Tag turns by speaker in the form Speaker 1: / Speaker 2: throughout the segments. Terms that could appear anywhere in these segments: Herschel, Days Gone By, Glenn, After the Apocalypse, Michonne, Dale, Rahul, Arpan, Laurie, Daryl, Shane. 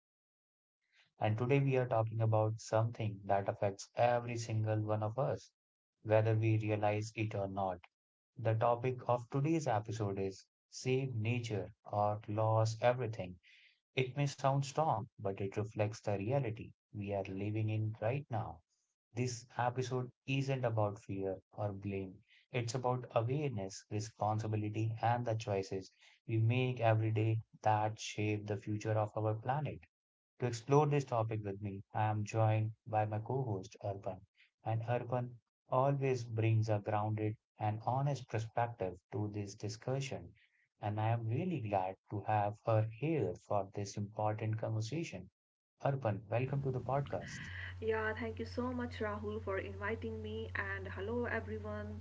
Speaker 1: your host, and today we are talking about something that affects every single one of us, whether we realize it or not. The topic of today's episode is Save Nature or Lose Everything. It may sound strong, but it reflects the reality we are living in right now. This episode isn't about fear or blame. It's about awareness, responsibility, and the choices we make every day that shape the future of our planet. To explore this topic with me, I am joined by my co host, Arpan. And Arpan always brings a grounded and honest perspective to this discussion. And I am really glad to have her here for this important conversation. Arpan, welcome to the podcast.
Speaker 2: Yeah, thank you so much, Rahul, for inviting me, and hello, everyone.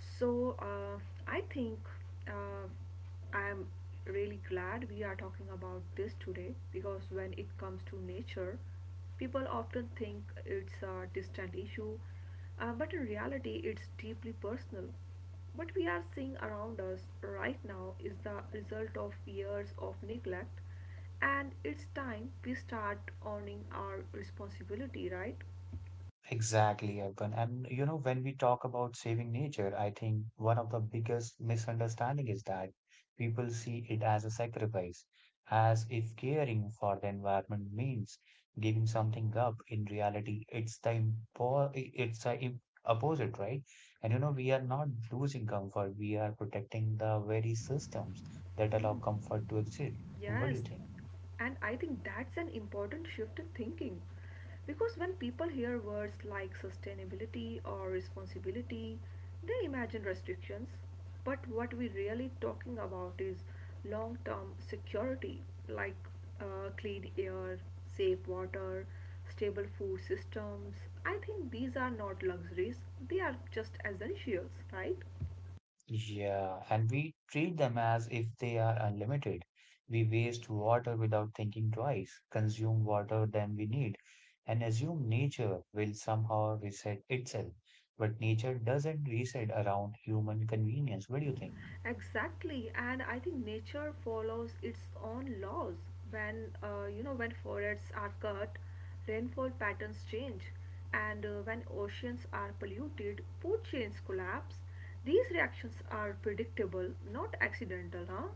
Speaker 2: So, uh, I think uh, I'm really glad we are talking about this today because when it comes to nature, people often think it's a distant issue, but in reality, it's deeply personal. What we are seeing around us right now is the result of years of neglect, and it's time we start owning our responsibility, right?
Speaker 1: Exactly, Urban. And you know, when we talk about saving nature, I think one of the biggest misunderstanding is that people see it as a sacrifice, as if caring for the environment means giving something up. In reality, it's the opposite, right? And you know, we are not losing comfort, we are protecting the very systems that allow comfort to exist. What do you
Speaker 2: Yes,
Speaker 1: think?
Speaker 2: and I think that's an important shift in thinking. Because when people hear words like sustainability or responsibility, they imagine restrictions. But what we're really talking about is long term security, like clean air, safe water, stable food systems. I think these are not luxuries, they are just essentials, right?
Speaker 1: Yeah, and we treat them as if they are unlimited. We waste water without thinking twice, consume water than we need, and assume nature will somehow reset itself. But nature doesn't reset around human convenience. What do you think?
Speaker 2: Exactly, and I think nature follows its own laws. When you know when forests are cut, rainfall patterns change, and when oceans are polluted, food chains collapse. These reactions are predictable, not accidental, huh?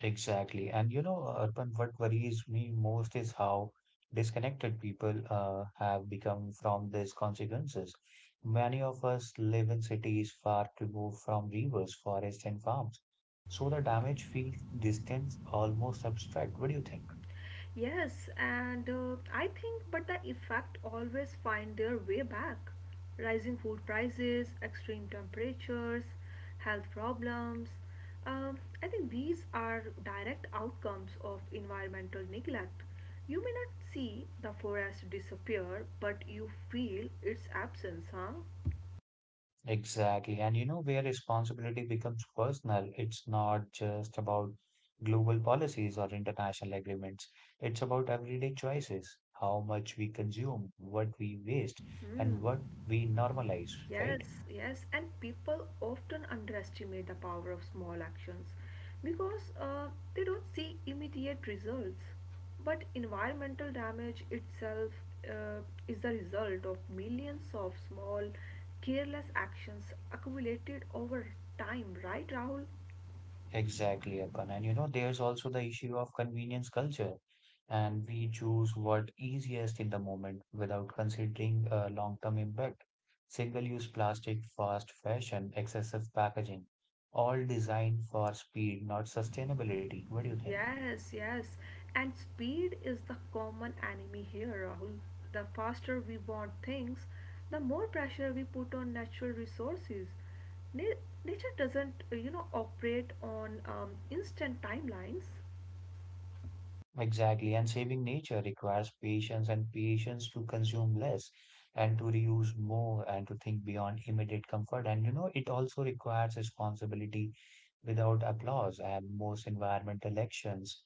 Speaker 1: Exactly. And you know, Urban, what worries me most is how disconnected people have become from these consequences. Many of us live in cities far removed from rivers, forests, and farms. So the damage feels distant, almost abstract. What do you think?
Speaker 2: Yes, and I think, but the effect always find their way back. Rising food prices, extreme temperatures, health problems. I think these are direct outcomes of environmental neglect. You may not see the forest disappear, but you feel its absence, huh?
Speaker 1: Exactly. And you know where responsibility becomes personal, it's not just about global policies or international agreements. It's about everyday choices, how much we consume, what we waste,
Speaker 2: Hmm.
Speaker 1: and what we normalize, right?
Speaker 2: Yes, yes, and people often underestimate the power of small actions because they don't see immediate results. But environmental damage itself uh, is the result of millions of small, careless actions accumulated over time, right, Rahul?
Speaker 1: Exactly, Akan. And you know, there's also the issue of convenience culture, and we choose what easiest in the moment without considering a long-term impact. Single-use plastic, fast fashion, excessive packaging, all designed for speed, not sustainability. What do you think?
Speaker 2: Yes, yes. And speed is the common enemy here, Rahul. The faster we want things, the more pressure we put on natural resources. Na- Nature doesn't, operate on instant timelines.
Speaker 1: Exactly, and saving nature requires patience and patience to consume less and to reuse more and to think beyond immediate comfort. And you know, it also requires responsibility without applause, and most environmental actions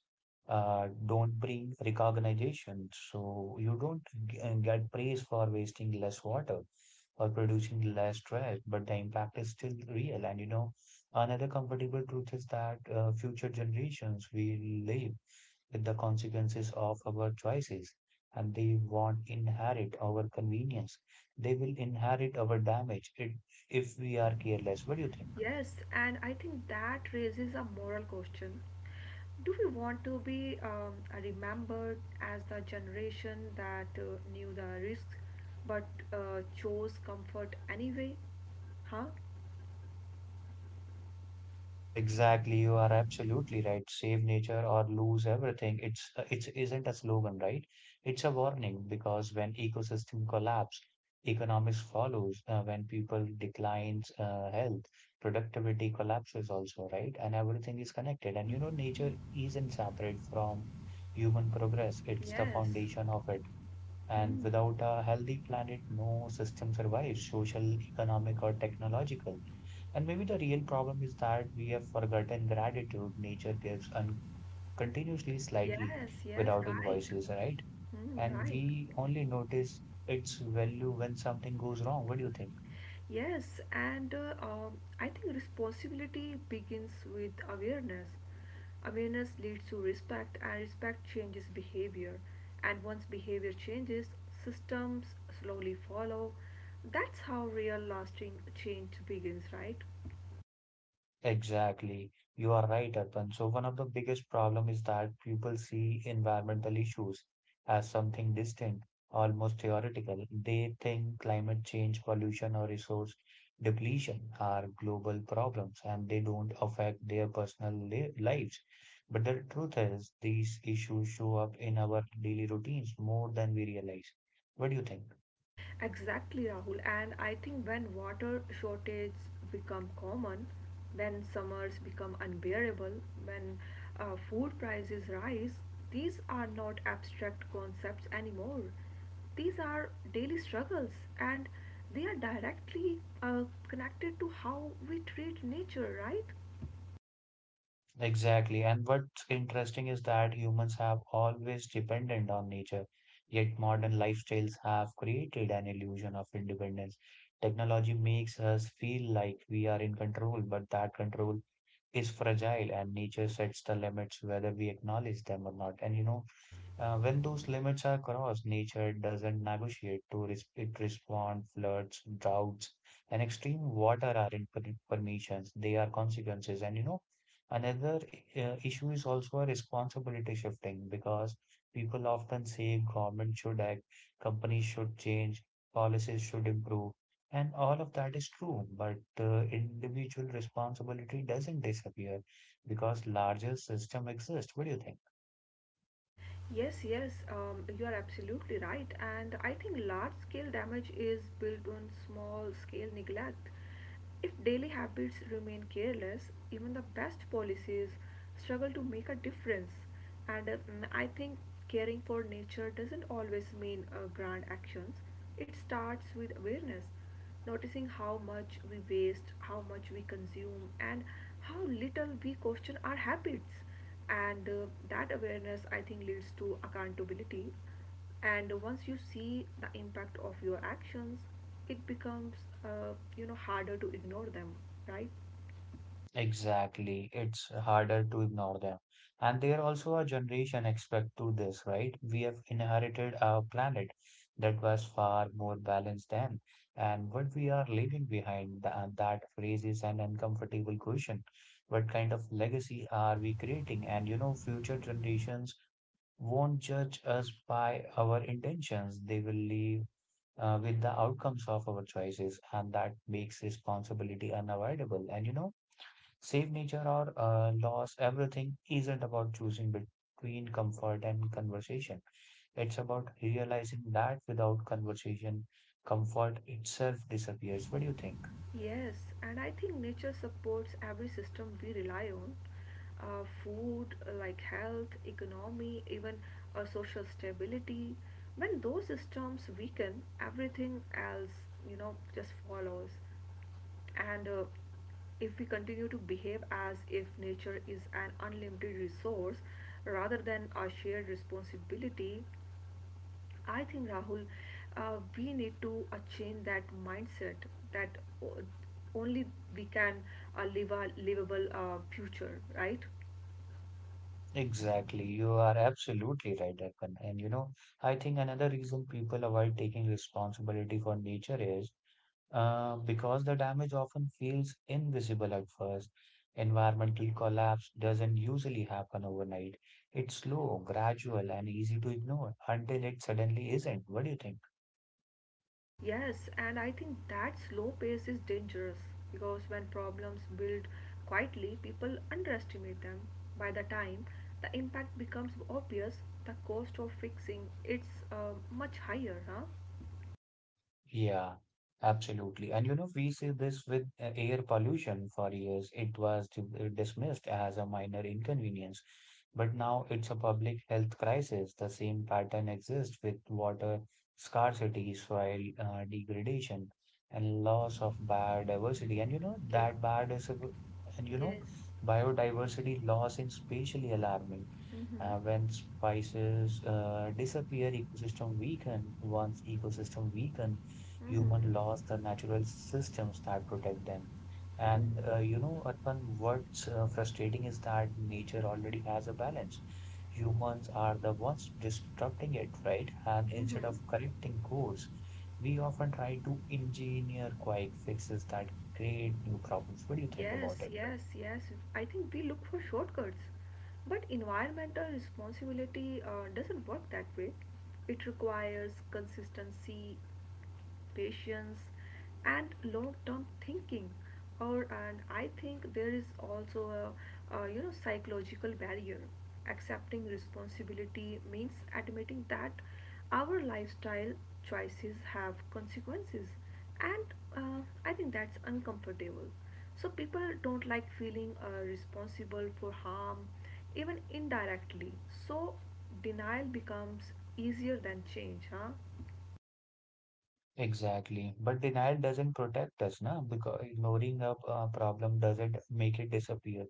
Speaker 1: don't bring recognition. So you don't get praise for wasting less water or producing less trash, but the impact is still real. And you know, another comfortable truth is that future generations will live with the consequences of our choices. And they won't inherit our convenience. They will inherit our damage it, if we are careless. What do you think?
Speaker 2: Yes, and I think that raises a moral question. Do we want to be remembered as the generation that knew the risks but chose comfort anyway? Huh?
Speaker 1: Exactly, you are absolutely right. Save nature or lose everything. It isn't a slogan, right? It's a warning because when ecosystem collapse, economics follows. When people declines, health, productivity collapses also, right? And everything is connected. And you know, nature isn't separate from human progress. It's the
Speaker 2: Yes.
Speaker 1: foundation of it. And without a healthy planet, no system survives, social, economic, or technological. And maybe the real problem is that we have forgotten gratitude. Nature gives continuously, slightly,
Speaker 2: Yes, yes,
Speaker 1: without
Speaker 2: right.
Speaker 1: invoices, right?
Speaker 2: Mm,
Speaker 1: And
Speaker 2: right.
Speaker 1: we only notice its value when something goes wrong. What do you think?
Speaker 2: Yes, and I think responsibility begins with awareness. Awareness leads to respect, and respect changes behavior. And once behavior changes, systems slowly follow. That's how real lasting change begins, right?
Speaker 1: Exactly. You are right, Arpan. So one of the biggest problem is that people see environmental issues as something distant, almost theoretical. They think climate change, pollution, or resource depletion are global problems and they don't affect their personal lives. But the truth is, these issues show up in our daily routines more than we realize. What do you think?
Speaker 2: Exactly, Rahul. And I think when water shortage become common, when summers become unbearable, when food prices rise, these are not abstract concepts anymore. These are daily struggles, and they are directly connected to how we treat nature, right?
Speaker 1: Exactly. And what's interesting is that humans have always depended on nature, yet modern lifestyles have created an illusion of independence. Technology makes us feel like we are in control, but that control is fragile, and nature sets the limits whether we acknowledge them or not. And you know, when those limits are crossed, nature doesn't negotiate it responds, floods, droughts, and extreme water aren't permissions. They are consequences. And you know, another issue is also a responsibility shifting because people often say government should act, companies should change, policies should improve, and all of that is true. But individual responsibility doesn't disappear because larger system exists. What do you think?
Speaker 2: Yes, you are absolutely right. And I think large scale damage is built on small scale neglect. If daily habits remain careless, even the best policies struggle to make a difference. And I think caring for nature doesn't always mean grand actions. It starts with awareness, noticing how much we waste, how much we consume, and how little we question our habits, and that awareness, I think, leads to accountability, and once you see the impact of your actions it becomes harder to ignore them, right?
Speaker 1: Exactly. It's harder to ignore them. And they are also a generation expect to this, right? We have inherited a planet that was far more balanced than, and what we are leaving behind, that raises an uncomfortable question. What kind of legacy are we creating? And you know, future generations won't judge us by our intentions. They will leave with the outcomes of our choices, and that makes responsibility unavoidable. And you know, Save nature or lose everything isn't about choosing between comfort and conversation. It's about realizing that without conversation, comfort itself disappears. What do you think?
Speaker 2: Yes, and I think nature supports every system we rely on, food, like health, economy, even social stability. When those systems weaken, everything else just follows. And if we continue to behave as if nature is an unlimited resource rather than a shared responsibility, I think, Rahul, we need to change that mindset, that only we can live a livable future, right?
Speaker 1: Exactly. You are absolutely right, Arpan. And you know, I think another reason people avoid taking responsibility for nature is because the damage often feels invisible at first, environmental collapse doesn't usually happen overnight. It's slow, gradual, and easy to ignore until it suddenly isn't. What do you think?
Speaker 2: Yes, and I think that slow pace is dangerous because when problems build quietly, people underestimate them. By the time the impact becomes obvious, the cost of fixing it's much higher, huh?
Speaker 1: Yeah, absolutely. And you know, we see this with air pollution for years. It was dismissed as a minor inconvenience, but now it's a public health crisis. The same pattern exists with water scarcity, soil degradation, and loss of biodiversity. And you know,
Speaker 2: Ye-
Speaker 1: that bad is a, good- and you know,
Speaker 2: yes.
Speaker 1: biodiversity loss is spatially alarming.
Speaker 2: Mhm.
Speaker 1: When spices disappear, ecosystem weaken. Once ecosystem weaken,
Speaker 2: Mhm.
Speaker 1: human lost the natural systems that protect them.
Speaker 2: Mm.
Speaker 1: And you know, Arpan, what's frustrating is that nature already has a balance. Humans are the ones disrupting it, right? And
Speaker 2: Mhm.
Speaker 1: instead of correcting course, we often try to engineer quick fixes that create new problems. What do you think
Speaker 2: Yes,
Speaker 1: about it?
Speaker 2: yes, yes. I think we look for shortcuts. But environmental responsibility doesn't work that way. It requires consistency, patience, and long term thinking. Or, and I think there is also a psychological barrier. Accepting responsibility means admitting that our lifestyle choices have consequences, and I think that's uncomfortable. So people don't like feeling responsible for harm, even indirectly. So denial becomes easier than change, huh?
Speaker 1: Exactly. But denial doesn't protect us, na? Because ignoring a problem doesn't make it disappear.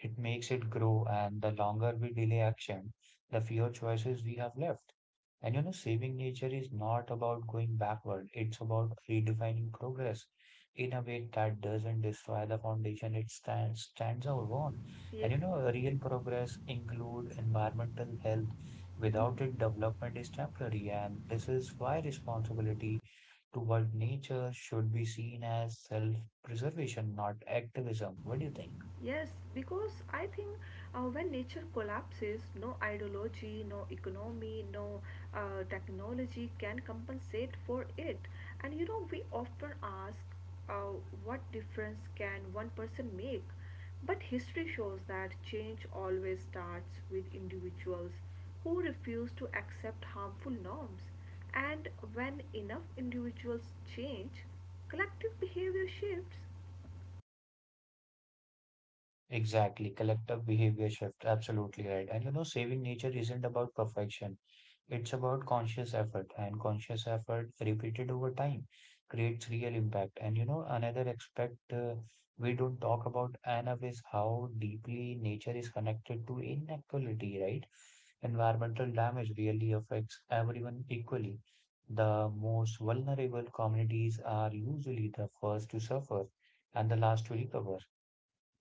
Speaker 1: It makes it grow, and the longer we delay action, the fewer choices we have left. And you know, saving nature is not about going backward, it's about redefining progress in a way that doesn't destroy the foundation it stands out on.
Speaker 2: Yeah.
Speaker 1: And you know, real progress include environmental health. Without it, development is temporary, and this is why responsibility toward nature should be seen as self-preservation, not activism. What do you think?
Speaker 2: Yes, because I think when nature collapses, no ideology, no economy, no technology can compensate for it. And you know, we often ask uh, what difference can one person make? But history shows that change always starts with individuals who refuse to accept harmful norms. And when enough individuals change, collective behavior shifts.
Speaker 1: Exactly, collective behavior shift. Absolutely right. And you know, saving nature isn't about perfection. It's about conscious effort, and conscious effort repeated over time creates real impact. And you know, another aspect we don't talk about enough is how deeply nature is connected to inequality, right? Environmental damage really affects everyone equally. The most vulnerable communities are usually the first to suffer and the last to recover.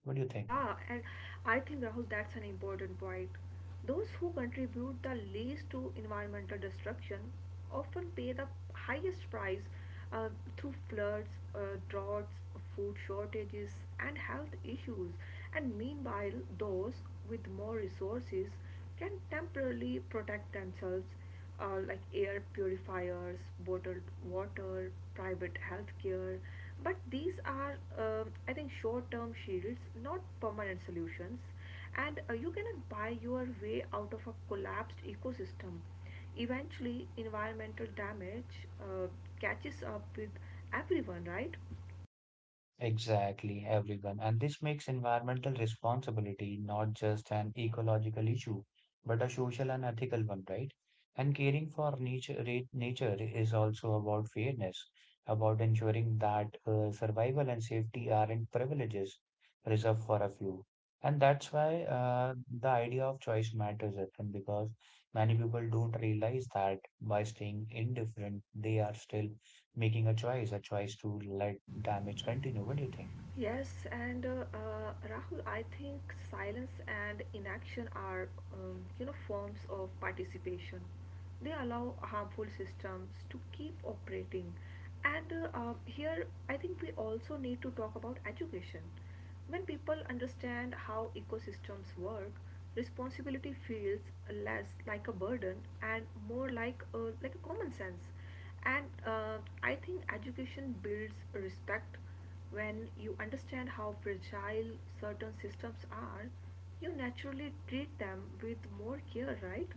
Speaker 1: What do you think?
Speaker 2: Yeah, and I think, Rahul, that's an important point. Those who contribute the least to environmental destruction often pay the highest price, uh, through floods, droughts, food shortages, and health issues. And meanwhile, those with more resources can temporarily protect themselves, like air purifiers, bottled water, private healthcare. But these are, I think, short term shields, not permanent solutions. And you cannot buy your way out of a collapsed ecosystem. Eventually, environmental damage catches up with everyone, right?
Speaker 1: Exactly, everyone. And this makes environmental responsibility not just an ecological issue, but a social and ethical one, right? And caring for nature, nature is also about fairness, about ensuring that survival and safety aren't privileges reserved for a few. And that's why the idea of choice matters, Arpan, because many people don't realize that by staying indifferent, they are still making a choice to let damage continue. What do you think?
Speaker 2: Yes, and Rahul, I think silence and inaction are, forms of participation. They allow harmful systems to keep operating. And here, I think we also need to talk about education. When people understand how ecosystems work, responsibility feels less like a burden and more like a common sense. And I think education builds respect. When you understand how fragile certain systems are, you naturally treat them with more care, right?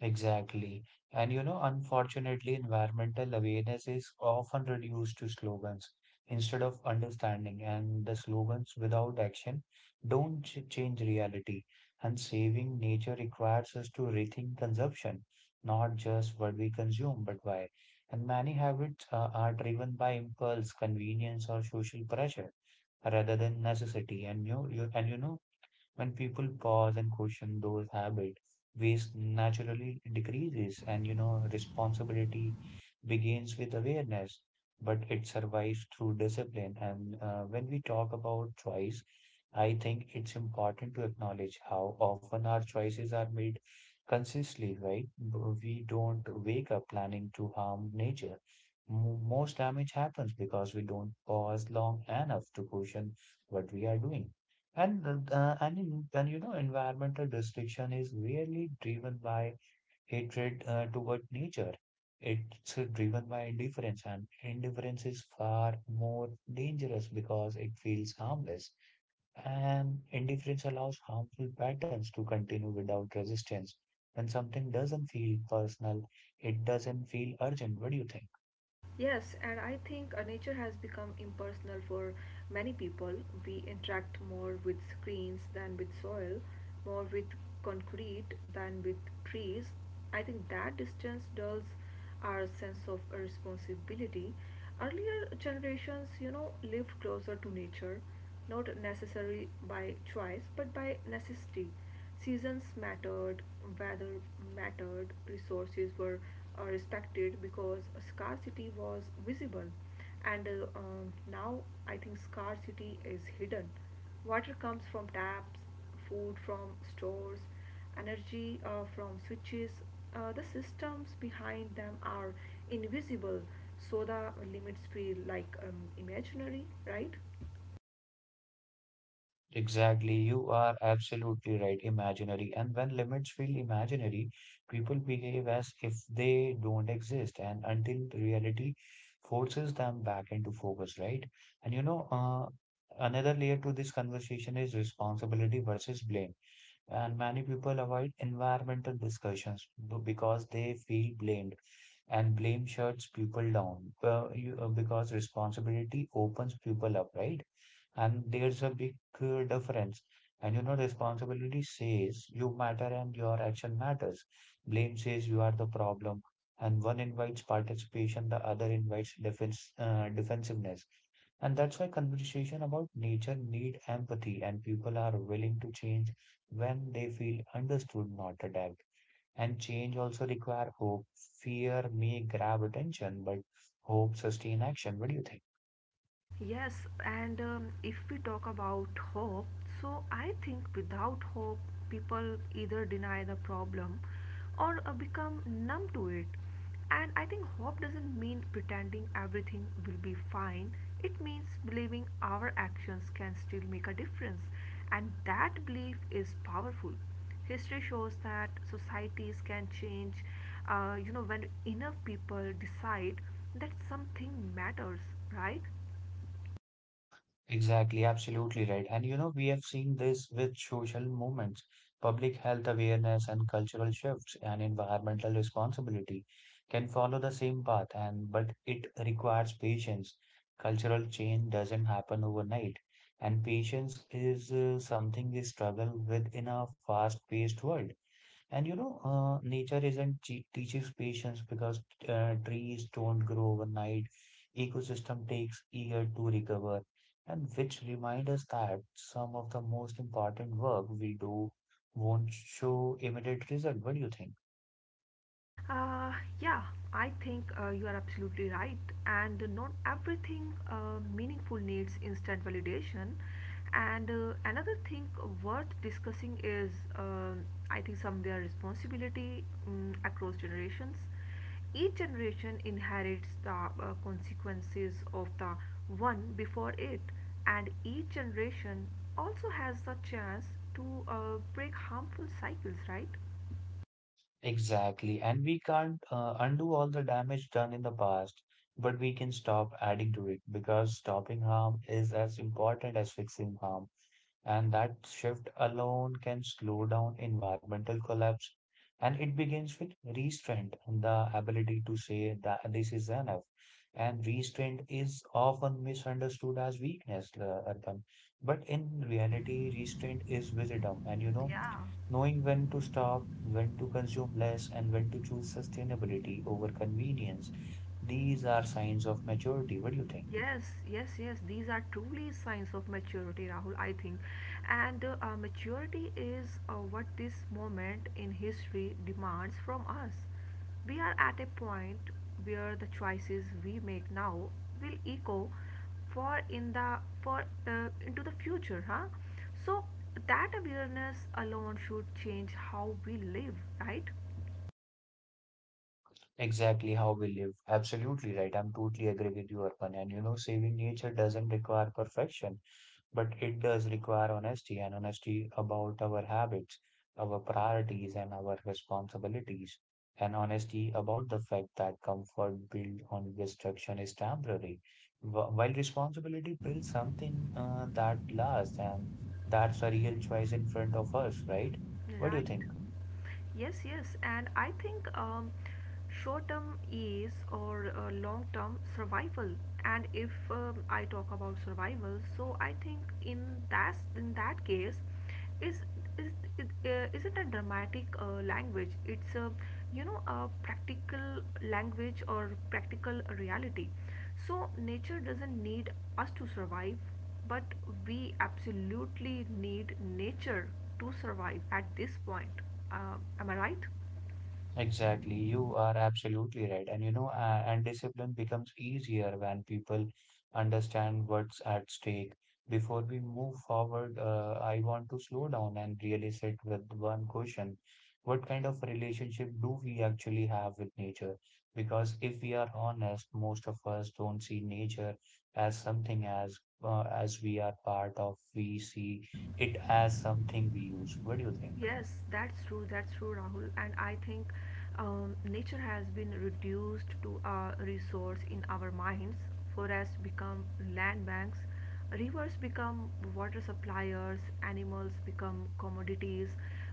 Speaker 1: Exactly. And you know, unfortunately, environmental awareness is often reduced to slogans instead of understanding, and the slogans without action don't change reality. And saving nature requires us to rethink consumption, not just what we consume, but why. And many habits are driven by impulse, convenience, or social pressure rather than necessity. And when people pause and question those habits, waste naturally decreases and you know responsibility begins with awareness, but it survives through discipline. And when we talk about choice, I think it's important to acknowledge how often our choices are made consciously, right? We don't wake up planning to harm nature. Most damage happens because we don't pause long enough to question what we are doing. And environmental destruction is really driven by hatred toward nature. It's driven by indifference, and indifference is far more dangerous because it feels harmless. And indifference allows harmful patterns to continue without resistance. When something doesn't feel personal, it doesn't feel urgent. What do you think?
Speaker 2: Yes, and I think nature has become impersonal for many people. We interact more with screens than with soil, more with concrete than with trees. I think that distance dulls our sense of responsibility. Earlier generations, you know, lived closer to nature, not necessarily by choice but by necessity. Seasons mattered, weather mattered, resources were respected because scarcity was visible. And now I think scarcity is hidden. Water comes from taps, food from stores, energy from switches. The systems behind them are invisible, so the limits feel like imaginary, right?
Speaker 1: Exactly, you are absolutely right. Imaginary, and when limits feel imaginary, people behave as if they don't exist, and until reality forces them back into focus, right? And another layer to this conversation is responsibility versus blame. And many people avoid environmental discussions because they feel blamed and blame shuts people down because responsibility opens people up, right? And there's a big difference. And you know, responsibility says you matter and your action matters. Blame says you are the problem. And one invites participation, the other invites defense, defensiveness. And that's why conversation about nature need empathy and people are willing to change when they feel understood, not attacked. And change also require hope. Fear may grab attention, but hope sustain action. What do you think?
Speaker 2: Yes, and if we talk about hope, so I think without hope, people either deny the problem or become numb to it. And I think hope doesn't mean pretending everything will be fine, it means believing our actions can still make a difference, and that belief is powerful. History shows that societies can change, you know, when enough people decide that something matters, right?
Speaker 1: Exactly, absolutely right. And you know, we have seen this with social movements, public health awareness and cultural shifts and environmental responsibility can follow the same path and but it requires patience. Cultural change doesn't happen overnight, and patience is something we struggle with in a fast-paced world. And you know, nature isn't che- teaches patience because trees don't grow overnight. Ecosystem takes year to recover, and which remind us that some of the most important work we do won't show immediate result. What do you think?
Speaker 2: Uh, yeah, I think you are absolutely right. And not everything meaningful needs instant validation. And another thing worth discussing is, I think, somewhere responsibility across generations. Each generation inherits the consequences of the one before it, and each generation also has the chance to break harmful cycles, right?
Speaker 1: Exactly, and we can't undo all the damage done in the past, but we can stop adding to it because stopping harm is as important as fixing harm. And that shift alone can slow down environmental collapse. And it begins with restraint, the ability to say that this is enough. And restraint is often misunderstood as weakness, Arpan. But in reality, restraint is wisdom. And you know,
Speaker 2: Yeah.
Speaker 1: knowing when to stop, when to consume less, and when to choose sustainability over convenience, these are signs of maturity. What do you think?
Speaker 2: Yes, yes, yes. These are truly signs of maturity, Rahul, I think. And maturity is what this moment in history demands from us. We are at a point where the choices we make now will echo for in the for into the future, huh? So that awareness alone should change how we live, right?
Speaker 1: Exactly how we live. Absolutely right. I'm totally agree with you, Arpan. And you know, saving nature doesn't require perfection, but it does require honesty and honesty about our habits, our priorities, and our responsibilities. And honesty about the fact that comfort built on destruction is temporary, while responsibility builds something that lasts. And that's a real choice in front of us, right? What do
Speaker 2: Right.
Speaker 1: you think?
Speaker 2: Yes, yes. And I think short term ease or long term survival. And if I talk about survival, so I think in that case, is is it, isn't a dramatic language. It's a you know a practical language or practical reality. So, nature doesn't need us to survive, but we absolutely need nature to survive at this point. Am I right?
Speaker 1: Exactly, you are absolutely right. And you know, and discipline becomes easier when people understand what's at stake. Before we move forward, I want to slow down and really sit with one question. What kind of relationship do we actually have with nature? Because if we are honest, most of us don't see nature as something as we are part of. We see it as something we use. What do you think?
Speaker 2: Yes, that's true. That's true, Rahul. And I think nature has been reduced to a resource in our minds. Forests become land banks, rivers become water suppliers, animals become commodities.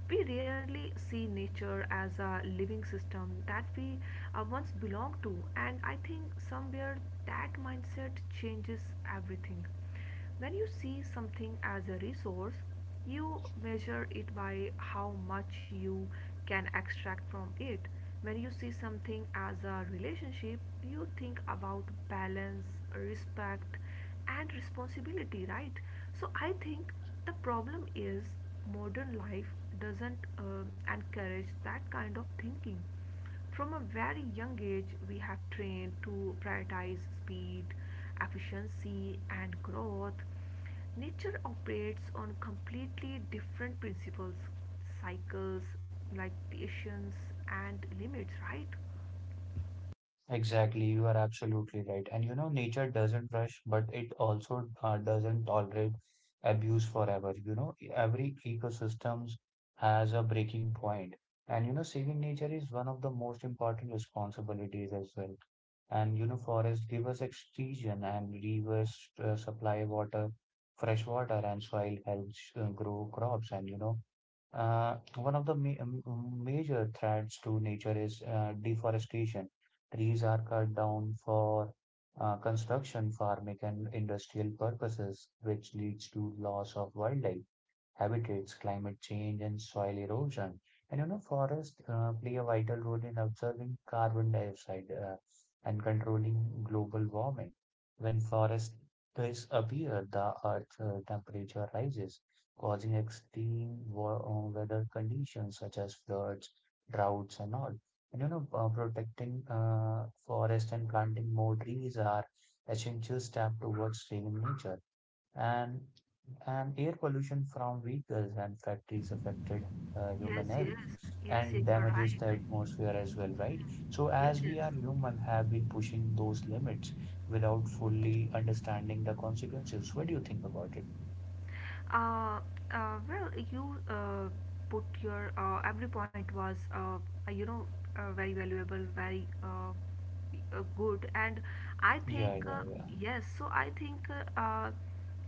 Speaker 2: We rarely see nature as a living system that we once belonged to, and I think somewhere that mindset changes everything. When you see something as a resource, you measure it by how much you can extract from it. When you see something as a relationship, you think about balance, respect, and responsibility, right? So I think the problem is modern life doesn't encourage that kind of thinking. From a very young age, we have trained to prioritize speed, efficiency, and growth. Nature operates on completely different principles, cycles, like patience and limits, right?
Speaker 1: Exactly, you are absolutely right. And you know, nature doesn't rush, but it also doesn't tolerate abuse forever. You know, every ecosystems has a breaking point. And you know, saving nature is one of the most important responsibilities as well. And you know, forests give us oxygen, and rivers supply water, fresh water, and soil helps grow crops. And you know, one of the ma major threats to nature is deforestation. Trees are cut down for construction, farming, and industrial purposes, which leads to loss of wildlife, habitats, climate change, and soil erosion. And you know, forests play a vital role in absorbing carbon dioxide and controlling global warming. When forests disappear, the Earth temperature rises causing extreme weather conditions such as floods, droughts, and all. And you know, protecting forest and planting more trees are essential step towards saving nature. And air pollution from vehicles and factories affected
Speaker 2: Yes,
Speaker 1: human
Speaker 2: yes,
Speaker 1: health
Speaker 2: yes, yes, you
Speaker 1: and
Speaker 2: are right.
Speaker 1: damages the atmosphere as well, right? So
Speaker 2: Yes,
Speaker 1: as
Speaker 2: yes.
Speaker 1: we are human, have been pushing those limits without fully understanding the consequences. What do you think about it?
Speaker 2: Uh, well, you put your every point was uh, you know very valuable, very good, and I think
Speaker 1: Yeah, yeah, yeah.
Speaker 2: yes. So I think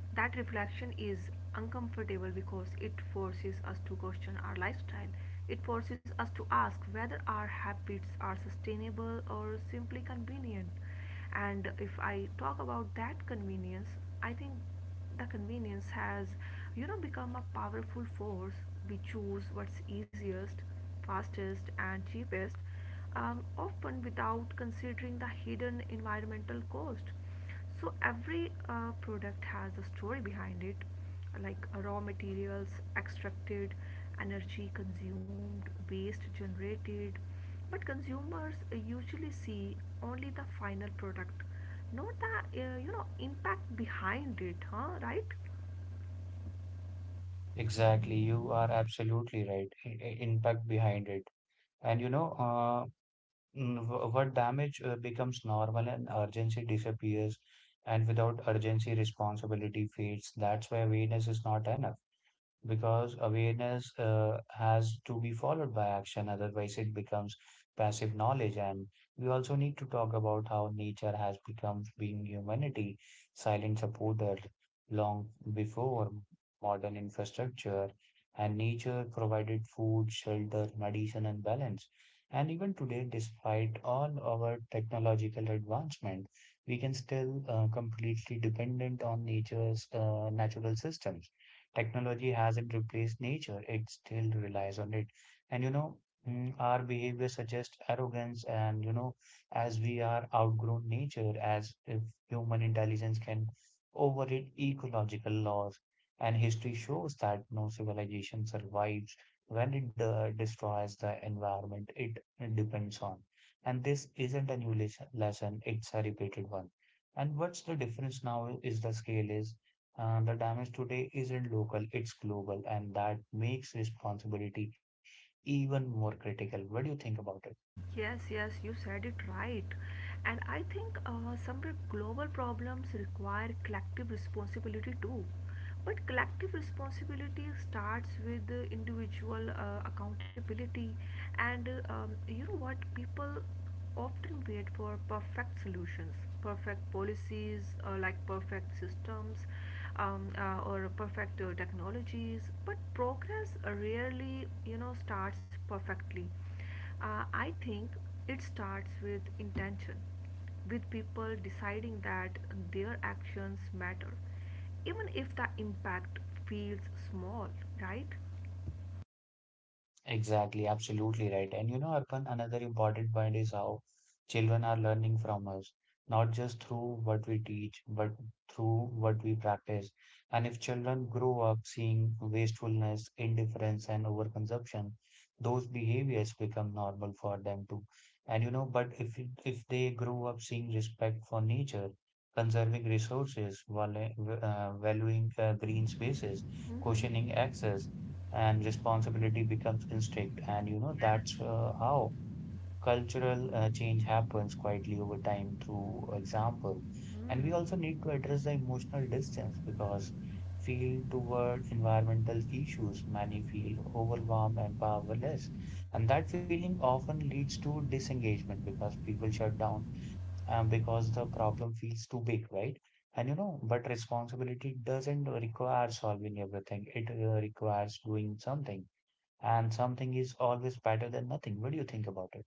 Speaker 2: that reflection is uncomfortable because it forces us to question our lifestyle. It forces us to ask whether our habits are sustainable or simply convenient. And if I talk about that convenience, I think the convenience has become a powerful force. We choose what's easiest, fastest, and cheapest, often without considering the hidden environmental cost. So every product has a story behind it, like raw materials extracted, energy consumed, waste generated, but consumers usually see only the final product, not the impact behind it, huh? Right.
Speaker 1: Exactly, you are absolutely right. Impact behind it. And you know, what damage becomes normal and urgency disappears, and without urgency, responsibility fades. That's why awareness is not enough because awareness has to be followed by action otherwise it becomes passive knowledge and we also need to talk about how nature has become being humanity silent supporter long before modern infrastructure and nature provided food shelter medicine and balance and even today despite all our technological advancement we can still completely dependent on nature's natural systems. Technology hasn't replaced nature, it still relies on it. And you know, our behavior suggests arrogance, and you know, as we are outgrown nature, as if human intelligence can override ecological laws. And history shows that no civilization survives when it destroys the environment it depends on. And this isn't a lesson, it's a repeated one. And what's the difference now is the scale is the damage today isn't local, it's global, and that makes responsibility even more critical. What do you think about it?
Speaker 2: Yes, yes, you said it right. And I think some global problems require collective responsibility too. But collective responsibility starts with the individual accountability. And you know what? People often wait for perfect solutions, perfect policies, like perfect systems, or perfect technologies. But progress rarely, you know, starts perfectly. I think it starts with intention, with people deciding that their actions matter, even if the impact feels small, right?
Speaker 1: Exactly, absolutely right. And you know, Arpan, another important point is how children are learning from us, not just through what we teach, but through what we practice. And if children grow up seeing wastefulness, indifference, and overconsumption, those behaviors become normal for them too. And you know, but if they grow up seeing respect for nature, conserving resources, valuing green spaces,
Speaker 2: Mm-hmm.
Speaker 1: questioning excess and responsibility becomes instinct. And you know,
Speaker 2: Yes.
Speaker 1: that's how cultural change happens quietly over time through example. And we
Speaker 2: Mm.
Speaker 1: also need to address the emotional distance because feel toward environmental issues, many feel overwhelmed and powerless. And that feeling often leads to disengagement because people shut down because the problem feels too big, right? And you know, but responsibility doesn't require solving everything. It requires doing something and something is always better than nothing. What do you think about it?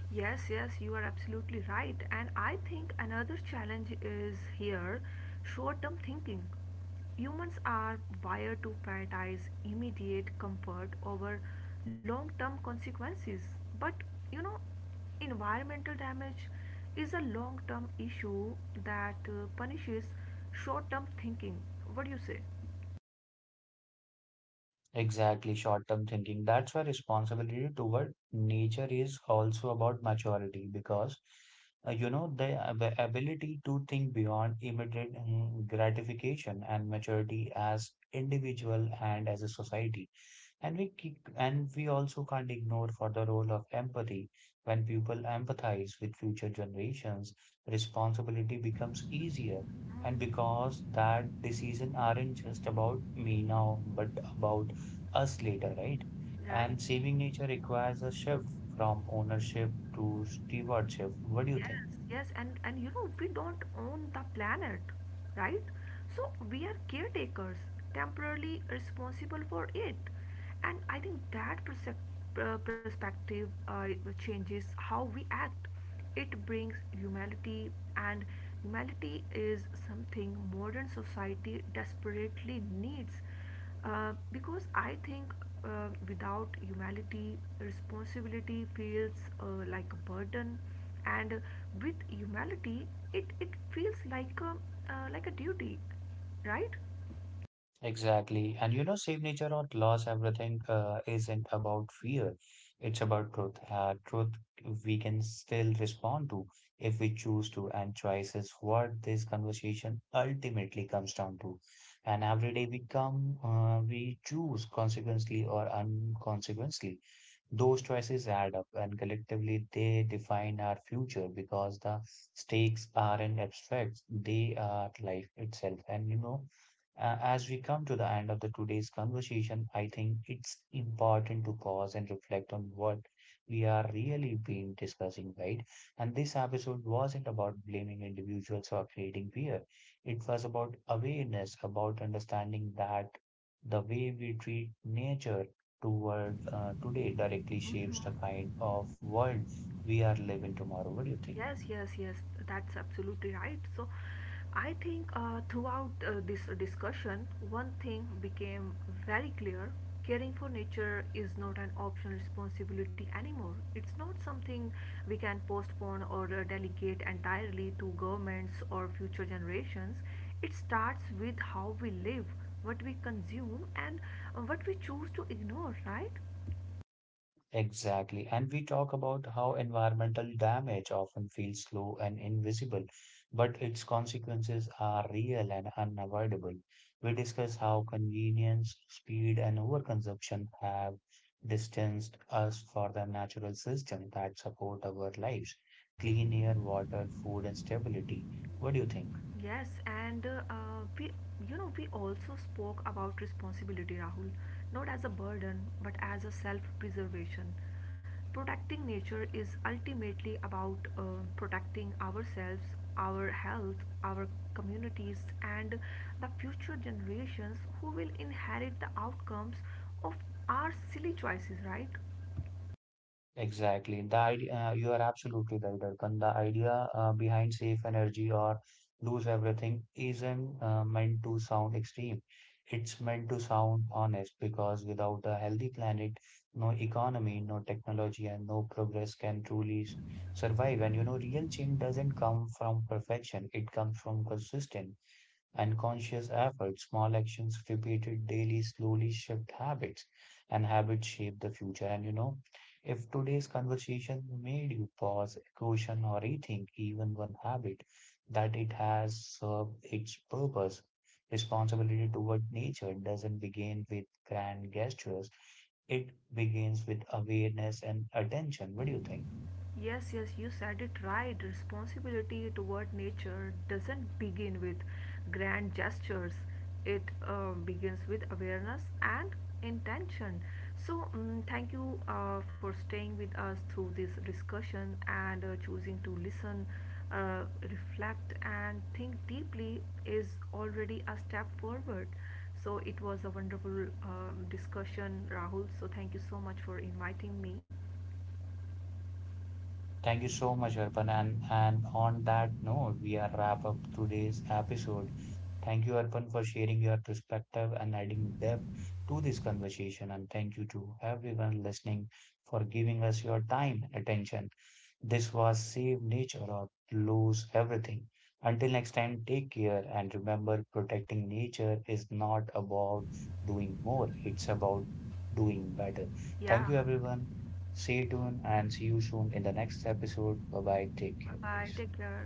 Speaker 2: Yes, yes, you are absolutely right. And I think another challenge is here, short term thinking. Humans are wired to prioritize immediate comfort over long term consequences. But you know, environmental damage is a long term issue that punishes short term thinking. What do you say?
Speaker 1: Exactly, short term thinking. That's why responsibility toward nature is also about maturity because you know ability to think beyond immediate gratification and maturity as individual and as a society. And we also can't ignore for the role of empathy. When people empathize with future generations, responsibility becomes easier. And because that decision aren't just about me now, but about us later, right?
Speaker 2: Right?
Speaker 1: And saving nature requires a shift from ownership to stewardship. What do you
Speaker 2: Yes,
Speaker 1: think?
Speaker 2: yes, and you know we don't own the planet, right? So we are caretakers, temporarily responsible for it, and I think that perspective changes how we act. It brings humanity, and humanity is something modern society desperately needs. Because I think without humility, responsibility feels like a burden, and with humility, it feels like like a duty, right?
Speaker 1: Exactly. And you know, save nature or loss, everything isn't about fear. It's about truth. Truth we can still respond to if we choose to. And choice is what this conversation ultimately comes down to. And every day we choose consequently or unconsequently. Those choices add up, and collectively they define our future because the stakes aren't abstract, they are life itself. And you know, as we come to the end of the today's conversation, I think it's important to pause and reflect on what we are really been discussing, right? And this episode wasn't about blaming individuals for creating fear. It was about awareness, about understanding that the way we treat nature toward today directly shapes the kind of world we are living tomorrow. What do you think?
Speaker 2: Yes, yes, yes, that's absolutely right. So, I think throughout this discussion, one thing became very clear: caring for nature is not an optional responsibility anymore. It's not something we can postpone or delegate entirely to governments or future generations. It starts with how we live, what we consume, and what we choose to ignore, right?
Speaker 1: Exactly. And we talk about how environmental damage often feels slow and invisible, but its consequences are real and unavoidable. We discuss how convenience, speed, and overconsumption have distanced us from the natural system that support our lives, clean air, water, food, and stability. What do you think?
Speaker 2: Yes, we, you know, we also spoke about responsibility, Rahul, not as a burden, but as a self-preservation. Protecting nature is ultimately about protecting ourselves, our health, our communities, and the future generations who will inherit the outcomes of our silly choices, right?
Speaker 1: Exactly. The idea, you are absolutely right, Arkan. The idea behind safe energy or lose everything isn't meant to sound extreme. It's meant to sound honest because without a healthy planet, no economy, no technology, and no progress can survive. And you know, real change doesn't come from perfection, it comes from consistent. Unconscious effort, small actions repeated daily slowly shift habits, and habits shape the future. And you know, if today's conversation made you pause, question, or rethink even one habit, that it has served its purpose. Responsibility toward nature doesn't begin with grand gestures, it begins with awareness and attention. What do you think?
Speaker 2: Yes, yes, you said it right. Responsibility toward nature doesn't begin with grand gestures, it begins with awareness and intention. So, thank you for staying with us through this discussion, and choosing to listen, reflect, and think deeply is already a step forward. So, it was a wonderful discussion, Rahul. So, thank you so much for inviting me.
Speaker 1: Thank you so much, Arpan. And on that note, we are wrap up today's episode. Thank you, Arpan, for sharing your perspective and adding depth to this conversation. And thank you to everyone listening for giving us your time and attention. This was save nature or lose everything. Until next time, take care and remember protecting nature is not about doing more, it's about doing better.
Speaker 2: Yeah.
Speaker 1: Thank you, everyone. Stay tuned and see you soon in the next episode. Bye bye.
Speaker 2: Bye
Speaker 1: Take care,
Speaker 2: bye. Take
Speaker 1: guys.
Speaker 2: care.